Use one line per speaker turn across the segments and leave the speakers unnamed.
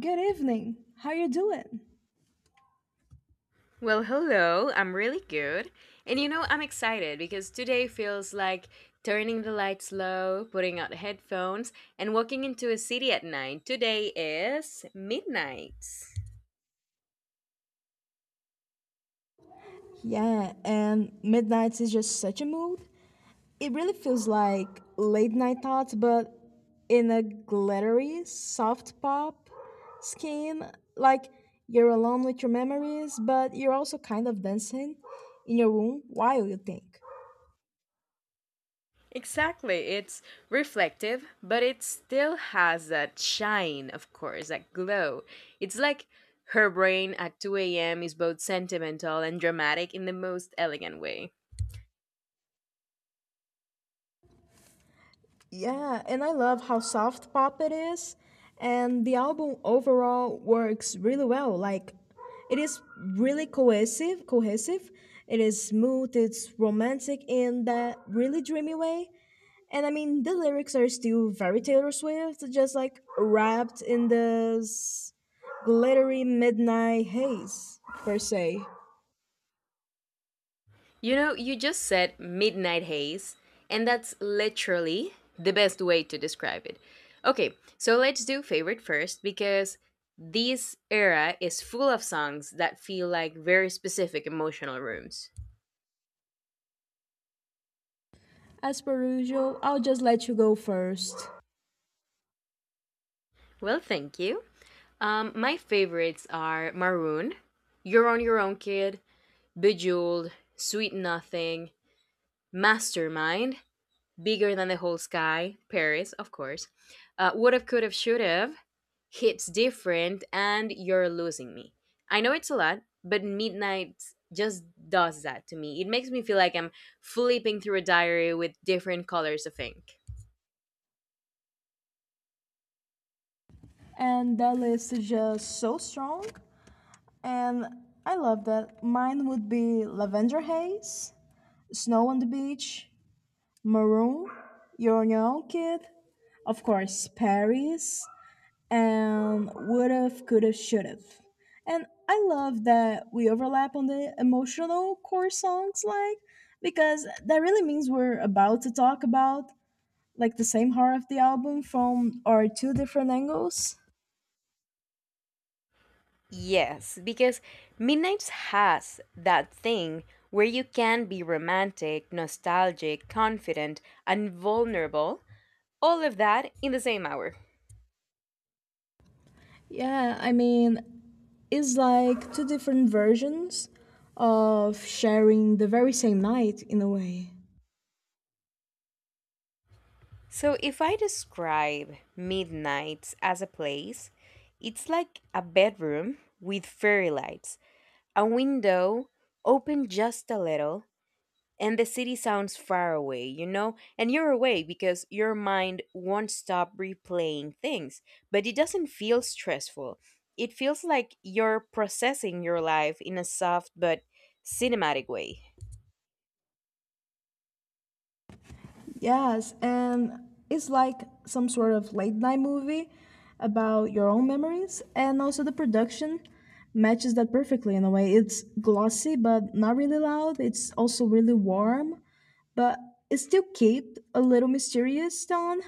Good evening. How you doing?
Well, hello. I'm really good. And you know, I'm excited because today feels like turning the lights low, putting out headphones, and walking into a city at night. Today is midnight.
Yeah, and midnight is just such a mood. It really feels like late night thoughts, but in a glittery, soft pop skin. Like you're alone with your memories, but you're also kind of dancing in your room while you think.
Exactly. It's reflective, but it still has that shine, of course, that glow. It's like her brain at 2 a.m. is both sentimental and dramatic in the most elegant way.
Yeah, and I love how soft pop it is. And the album overall works really well. Like it is really cohesive. It is smooth, it's romantic in that really dreamy way. And I mean, the lyrics are still very Taylor Swift, just like wrapped in this glittery midnight haze, per se.
You know, you just said midnight haze, and that's literally the best way to describe it. Okay, so let's do favorite first because this era is full of songs that feel like very specific emotional rooms.
As per usual, I'll just let you go first.
Well, thank you. My favorites are Maroon, You're on Your Own Kid, Bejeweled, Sweet Nothing, Mastermind, Bigger Than the Whole Sky, Paris, of course, Would Have, Could Have, Should Have, hits different and you're losing me. I know it's a lot, but midnight just does that to me. It makes me feel like I'm flipping through a diary with different colors of ink.
And that list is just so strong. And I love that. Mine would be Lavender Haze, Snow on the Beach, Maroon, You're on Your Own Kid, of course, Paris, and Would've, Could've, Should've. And I love that we overlap on the emotional core songs, like, because that really means we're about to talk about, like, the same heart of the album from our two different angles.
Yes, because Midnights has that thing where you can be romantic, nostalgic, confident, and vulnerable, all of that in the same hour.
Yeah, I mean, it's like two different versions of sharing the very same night in a way.
So if I describe Midnights as a place, it's like a bedroom with fairy lights. A window open just a little, and the city sounds far away, you know? And you're away because your mind won't stop replaying things, but it doesn't feel stressful. It feels like you're processing your life in a soft but cinematic way.
Yes, and it's like some sort of late night movie about your own memories, and also the production matches that perfectly in a way. It's glossy, but not really loud. It's also really warm, but it still kept a little mysterious tone,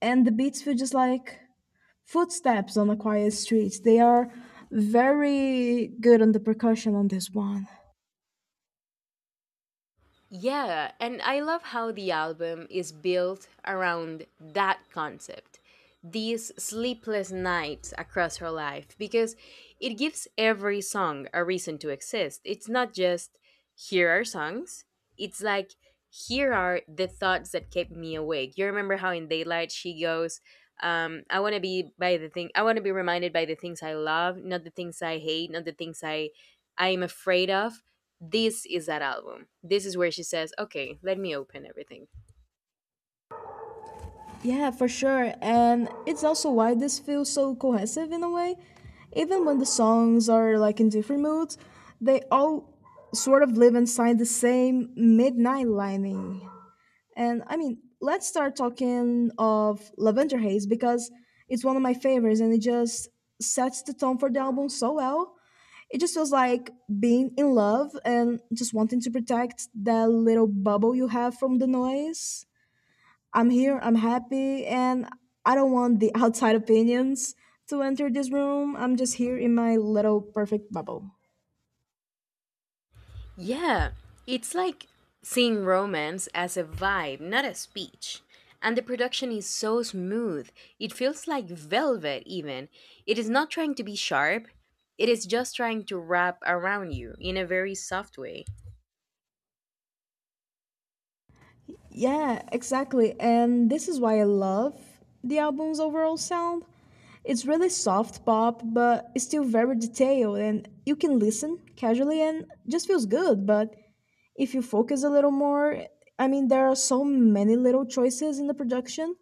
and the beats feel just like footsteps on a quiet street. They are very good on the percussion on this one.
Yeah, and I love how the album is built around that concept, these sleepless nights across her life, because it gives every song a reason to exist. It's not just here are songs, it's like here are the thoughts that kept me awake. You remember how in Daylight she goes, I want to be by the thing, I want to be reminded by the things I love, not the things I hate, not the things I am afraid of. This is that album. This is where she says, okay, let me open everything.
Yeah, for sure. And it's also why this feels so cohesive in a way. Even when the songs are like in different moods, they all sort of live inside the same midnight lining. And I mean, let's start talking of Lavender Haze because it's one of my favorites and it just sets the tone for the album so well. It just feels like being in love and just wanting to protect that little bubble you have from the noise. I'm here, I'm happy, and I don't want the outside opinions to enter this room. I'm just here in my little perfect bubble.
Yeah, it's like seeing romance as a vibe, not a speech. And the production is so smooth. It feels like velvet, even. It is not trying to be sharp, it is just trying to wrap around you in a very soft way.
Yeah, exactly. And this is why I love the album's overall sound. It's really soft pop, but it's still very detailed, and you can listen casually and just feels good, but if you focus a little more, I mean there are so many little choices in the production,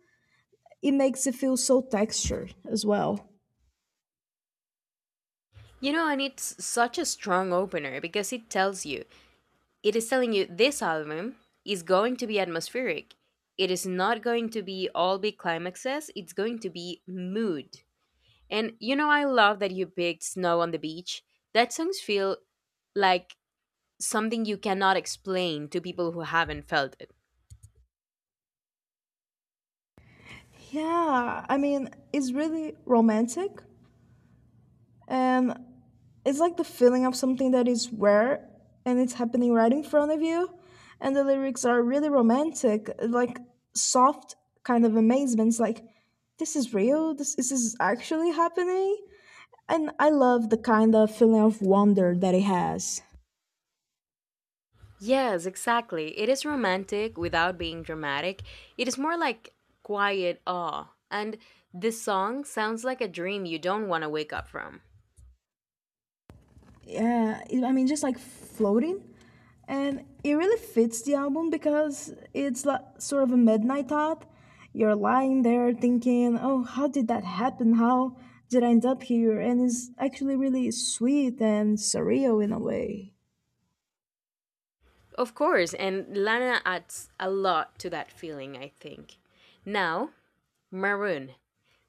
it makes it feel so textured as well.
You know, and it's such a strong opener because it tells you, it is telling you, this album is going to be atmospheric. It is not going to be all big climaxes, it's going to be mood. And you know, I love that you picked Snow on the Beach. That songs feel like something you cannot explain to people who haven't felt it.
Yeah, I mean it's really romantic, and it's like the feeling of something that is rare and it's happening right in front of you, and the lyrics are really romantic, like soft kind of amazements, like this is real, this is actually happening, and I love the kind of feeling of wonder that it has.
Yes, exactly. It is romantic without being dramatic. It is more like quiet awe. And this song sounds like a dream you don't want to wake up from.
Yeah, I mean, just like floating. And it really fits the album because it's like sort of a midnight thought. You're lying there thinking, oh, how did that happen? How did I end up here? And it's actually really sweet and surreal in a way.
Of course, and Lana adds a lot to that feeling, I think. Now, Maroon.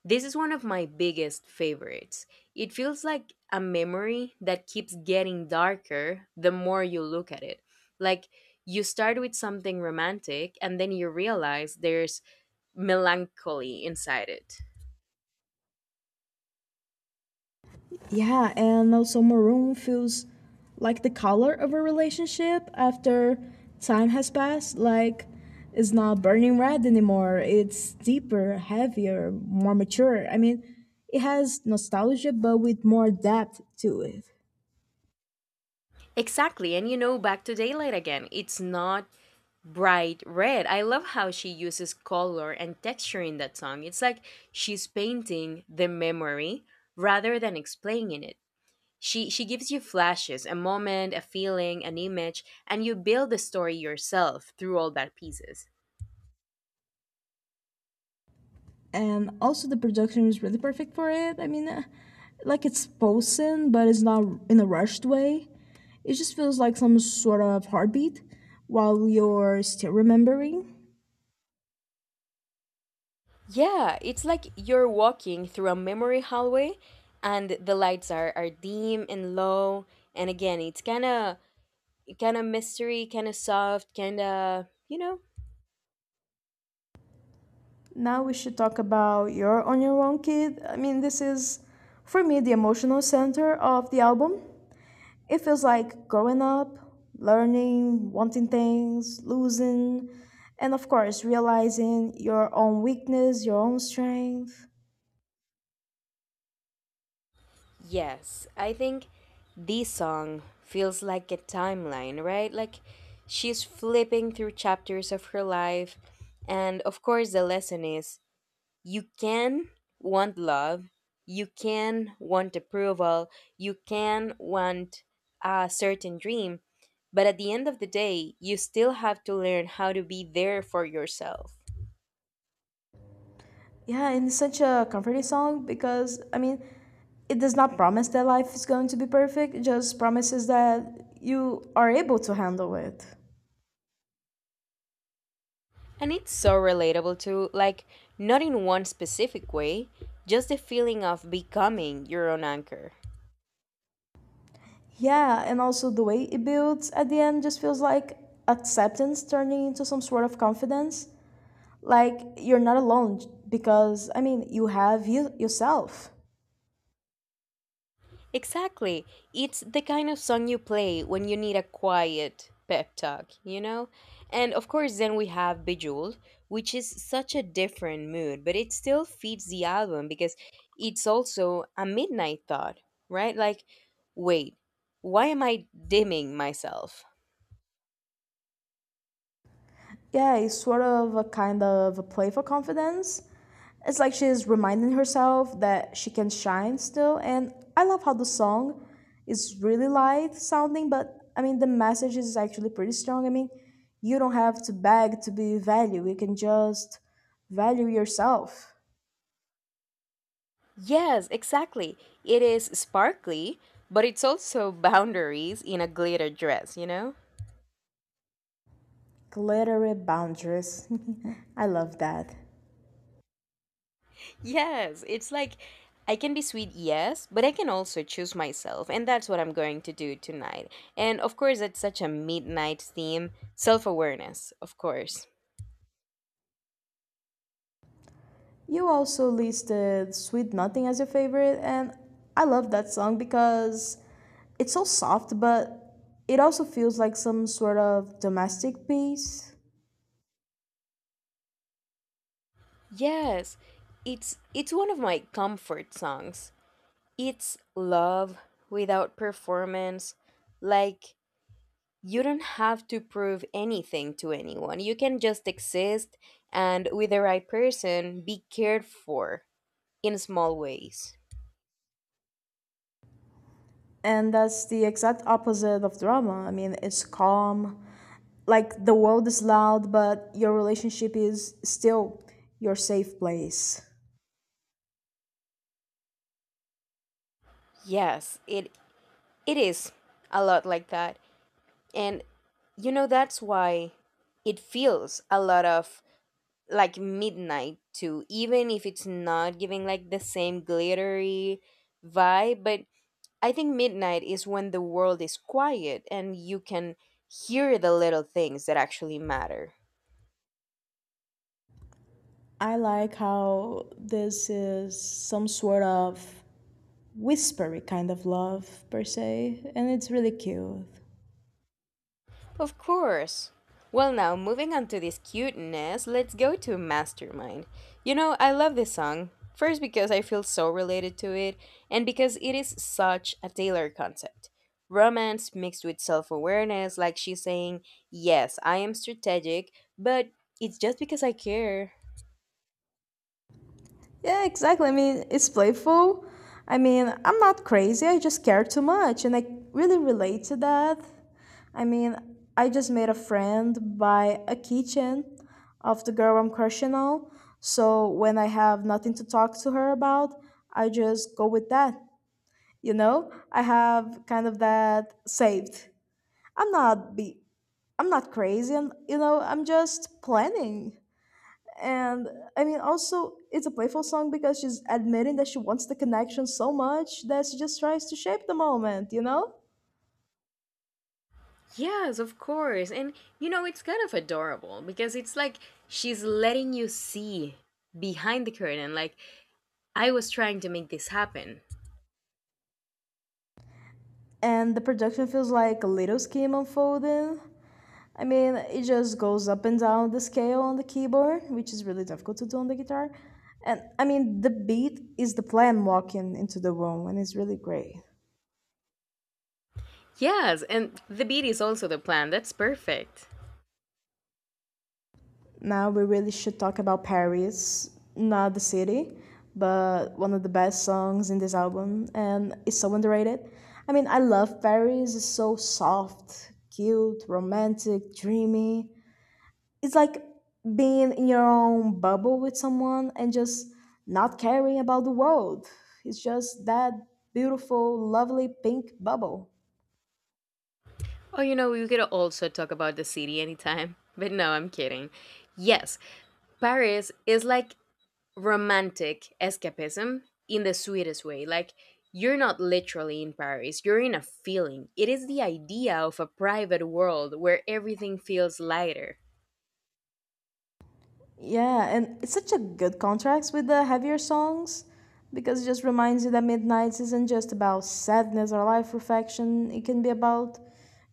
This is one of my biggest favorites. It feels like a memory that keeps getting darker the more you look at it. Like you start with something romantic and then you realize there's melancholy inside it.
Yeah, and also maroon feels like the color of a relationship after time has passed. Like it's not burning red anymore. It's deeper, heavier, more mature. I mean, it has nostalgia, but with more depth to it.
Exactly, and you know, back to daylight again. It's not bright red. I love how she uses color and texture in that song. It's like she's painting the memory rather than explaining it. She gives you flashes, a moment, a feeling, an image, and you build the story yourself through all that pieces.
And also, the production is really perfect for it. I mean, like it's pulsing, but it's not in a rushed way. It just feels like some sort of heartbeat while you're still remembering.
Yeah, it's like you're walking through a memory hallway and the lights are dim and low, and again it's kinda, kinda mystery, kinda soft, kinda, you know.
Now we should talk about You're on Your Own Kid. I mean, this is, for me, the emotional center of the album. It feels like growing up, learning, wanting things, losing, and of course, realizing your own weakness, your own strength.
Yes, I think this song feels like a timeline, right? Like she's flipping through chapters of her life. And of course, the lesson is you can want love, you can want approval, you can want a certain dream. But at the end of the day, you still have to learn how to be there for yourself.
Yeah, and it's such a comforting song because, I mean, it does not promise that life is going to be perfect, it just promises that you are able to handle it.
And it's so relatable too, like, not in one specific way, just the feeling of becoming your own anchor.
Yeah, and also the way it builds at the end just feels like acceptance turning into some sort of confidence. Like you're not alone because I mean you have you yourself.
Exactly. It's the kind of song you play when you need a quiet pep talk, you know? And of course, then we have Bejeweled, which is such a different mood, but it still feeds the album because it's also a midnight thought, right? Like, wait, why am I dimming myself?
Yeah, it's sort of a kind of a playful confidence. It's like she's reminding herself that she can shine still, and I love how the song is really light sounding, but I mean the message is actually pretty strong. I mean, you don't have to beg to be valued. You can just value yourself.
Yes, exactly. It is sparkly, but it's also boundaries in a glitter dress, you know?
Glittery boundaries. I love that.
Yes, it's like I can be sweet, yes, but I can also choose myself, and that's what I'm going to do tonight. And of course, it's such a midnight theme, self-awareness, of course.
You also listed Sweet Nothing as your favorite, and I love that song because it's so soft, but it also feels like some sort of domestic piece.
Yes, it's one of my comfort songs. It's love without performance, like you don't have to prove anything to anyone. You can just exist and, with the right person, be cared for in small ways.
And that's the exact opposite of drama. I mean, it's calm, like the world is loud, but your relationship is still your safe place.
Yes, it is a lot like that. And you know that's why it feels a lot of like midnight too, even if it's not giving like the same glittery vibe, but I think midnight is when the world is quiet and you can hear the little things that actually matter.
I like how this is some sort of whispery kind of love per se, and it's really cute.
Of course. Well, now, moving on to this cuteness, let's go to Mastermind. You know, I love this song. First, because I feel so related to it, and because it is such a Taylor concept. Romance mixed with self awareness, like she's saying, yes, I am strategic, but it's just because I care.
Yeah, exactly. I mean, it's playful. I mean, I'm not crazy. I just care too much, and I really relate to that. I mean, I just made a friend by a keychain of the girl I'm crushing on. So when I have nothing to talk to her about, I just go with that. You know, I have kind of that saved. I'm not be I'm not crazy, and you know, I'm just planning. And I mean, also, it's a playful song because she's admitting that she wants the connection so much that she just tries to shape the moment, you know?
Yes, of course. And you know, it's kind of adorable because it's like she's letting you see behind the curtain, like, I was trying to make this happen.
And the production feels like a little scheme unfolding. I mean, it just goes up and down the scale on the keyboard, which is really difficult to do on the guitar. And I mean, the beat is the plan walking into the room, and it's really great.
Yes, and the beat is also the plan. That's perfect.
Now we really should talk about Paris, not the city, but one of the best songs in this album, and it's so underrated. I mean, I love Paris. It's so soft, cute, romantic, dreamy. It's like being in your own bubble with someone and just not caring about the world. It's just that beautiful, lovely pink bubble.
Oh, you know, we could also talk about the city anytime. But no, I'm kidding. Yes, Paris is like romantic escapism in the sweetest way. Like, you're not literally in Paris, you're in a feeling. It is the idea of a private world where everything feels lighter.
Yeah, and it's such a good contrast with the heavier songs because it just reminds you that Midnights isn't just about sadness or life reflection, it can be about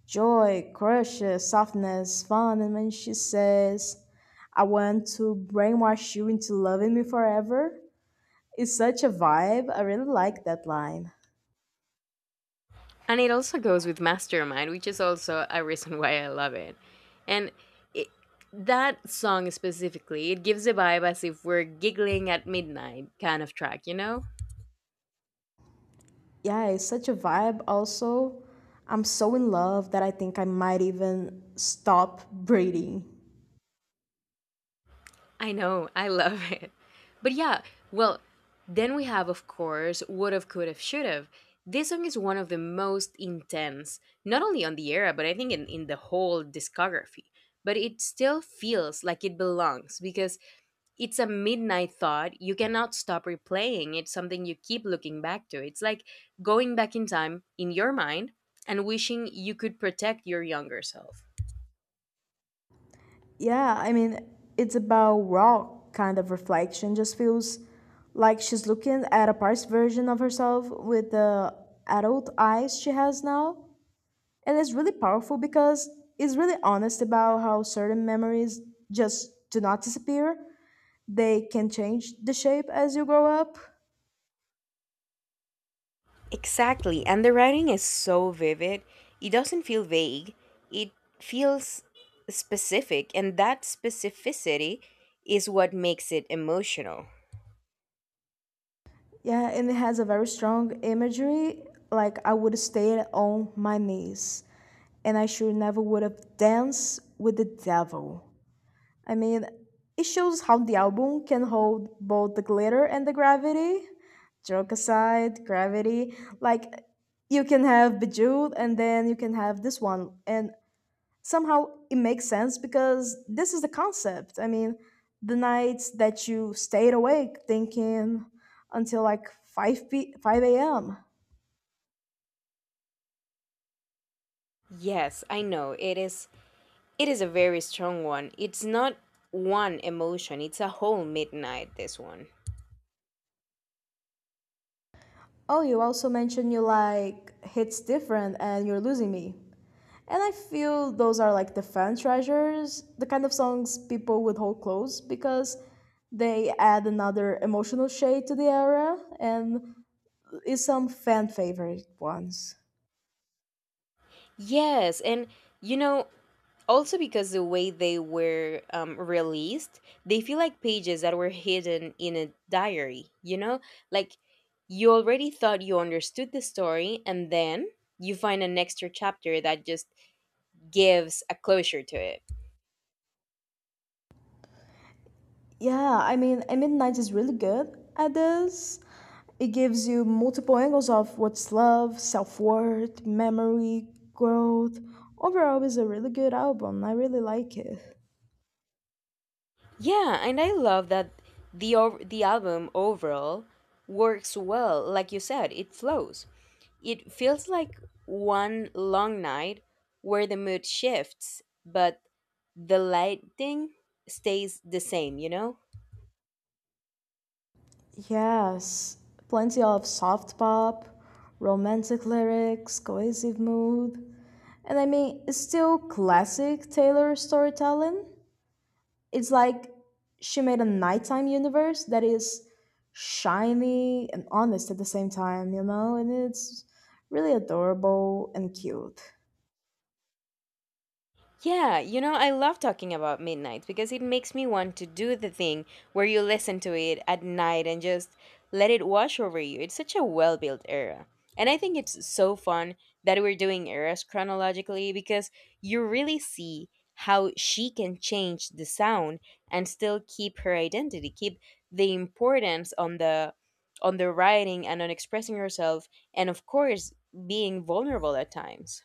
joy, crushes, softness, fun, and when she says, I want to brainwash you into loving me forever, it's such a vibe. I really like that line.
And it also goes with Mastermind, which is also a reason why I love it. And it, that song specifically, it gives a vibe as if we're giggling at midnight kind of track, you know?
Yeah, it's such a vibe. Also, I'm so in love that I think I might even stop breathing.
I know, I love it. But yeah, well, then we have, of course, Would Have, Could Have, Should Have. This song is one of the most intense, not only on the era, but I think in the whole discography. But it still feels like it belongs because it's a midnight thought. You cannot stop replaying. It's something you keep looking back to. It's like going back in time in your mind and wishing you could protect your younger self.
Yeah, I mean, it's about raw kind of reflection. Just feels like she's looking at a past version of herself with the adult eyes she has now. And it's really powerful because it's really honest about how certain memories just do not disappear. They can change the shape as you grow up.
Exactly. And the writing is so vivid. It doesn't feel vague, it feels specific. And that specificity is what makes it emotional.
Yeah, and it has a very strong imagery. Like I would stay on my knees, and I sure never would have danced with the devil. I mean, it shows how the album can hold both the glitter and the gravity. Joke aside, gravity. Like, you can have Bejeweled and then you can have this one. And somehow it makes sense because this is the concept. I mean, the nights that you stayed awake thinking until like 5 a.m.
Yes, I know. It is a very strong one. It's not one emotion. It's a whole midnight this one.
Oh, you also mentioned you like hits different and you're losing me. And I feel those are like the fan treasures, the kind of songs people would hold close because they add another emotional shade to the era and is some fan favorite ones.
Yes, and you know, also because the way they were released, they feel like pages that were hidden in a diary, you know? Like you already thought you understood the story, and then you find an extra chapter that just gives a closure to it.
Yeah, I mean, 90 is really good at this. It gives you multiple angles of what's love, self worth, memory, growth. Overall, it's a really good album. I really like it.
Yeah, and I love that the album overall works well. Like you said, it flows. It feels like one long night where the mood shifts, but the lighting stays the same, you know?
Yes, plenty of soft pop, romantic lyrics, cohesive mood. And I mean, it's still classic Taylor storytelling. It's like she made a nighttime universe that is shiny and honest at the same time, you know? And it's really adorable and cute.
Yeah, you know, I love talking about midnight because it makes me want to do the thing where you listen to it at night and just let it wash over you. It's such a well built era. And I think it's so fun that we're doing eras chronologically because you really see how she can change the sound and still keep her identity, keep the importance on the writing and on expressing herself and of course being vulnerable at times.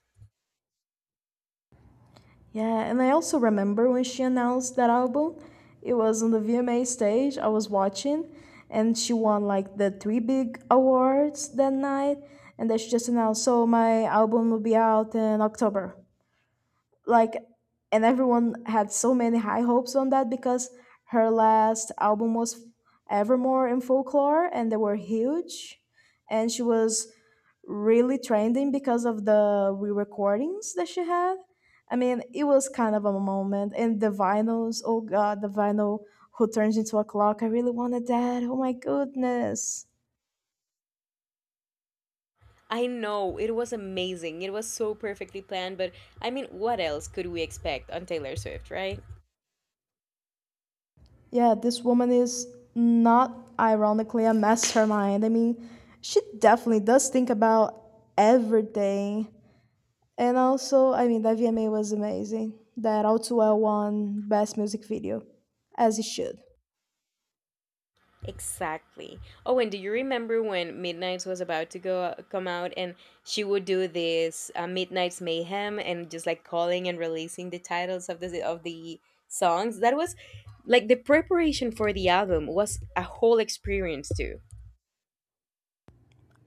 Yeah, and I also remember when she announced that album, it was on the VMA stage I was watching, and she won like the three big awards that night. And then she just announced, so my album will be out in October, like, and everyone had so many high hopes on that because her last album was evermore in folklore and they were huge, and she was really trending because of the re-recordings that she had. I mean it was kind of a moment, and the vinyls, oh god, the vinyl who turns into a clock, I really wanted that, oh my goodness.
I know, it was amazing. It was so perfectly planned, but I mean, what else could we expect on Taylor Swift, right?
Yeah, this woman is not ironically a mastermind. I mean, she definitely does think about everything. And also, I mean, that VMA was amazing. That All Too Well won Best Music Video, as it should.
Exactly. Oh, and do you remember when Midnight's was about to go come out and she would do this Midnight's Mayhem and just like calling and releasing the titles of the songs? That was like the preparation for the album was a whole experience too.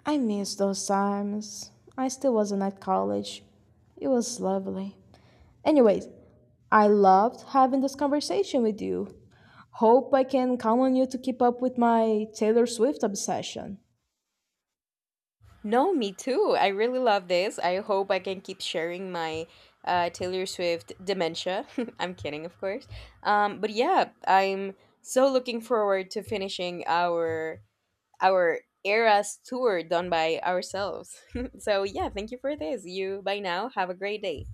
I miss those times. I still wasn't at college. It was lovely. Anyways, I loved having this conversation with you. Hope I can count on you to keep up with my Taylor Swift obsession.
No, me too. I really love this. I hope I can keep sharing my Taylor Swift dementia. I'm kidding, of course. But yeah, I'm so looking forward to finishing our Eras tour done by ourselves. So yeah, thank you for this. You by now have a great day.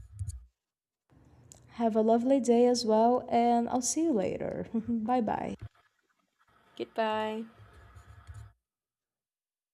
Have a lovely day as well, and I'll see you later. Bye bye.
Goodbye.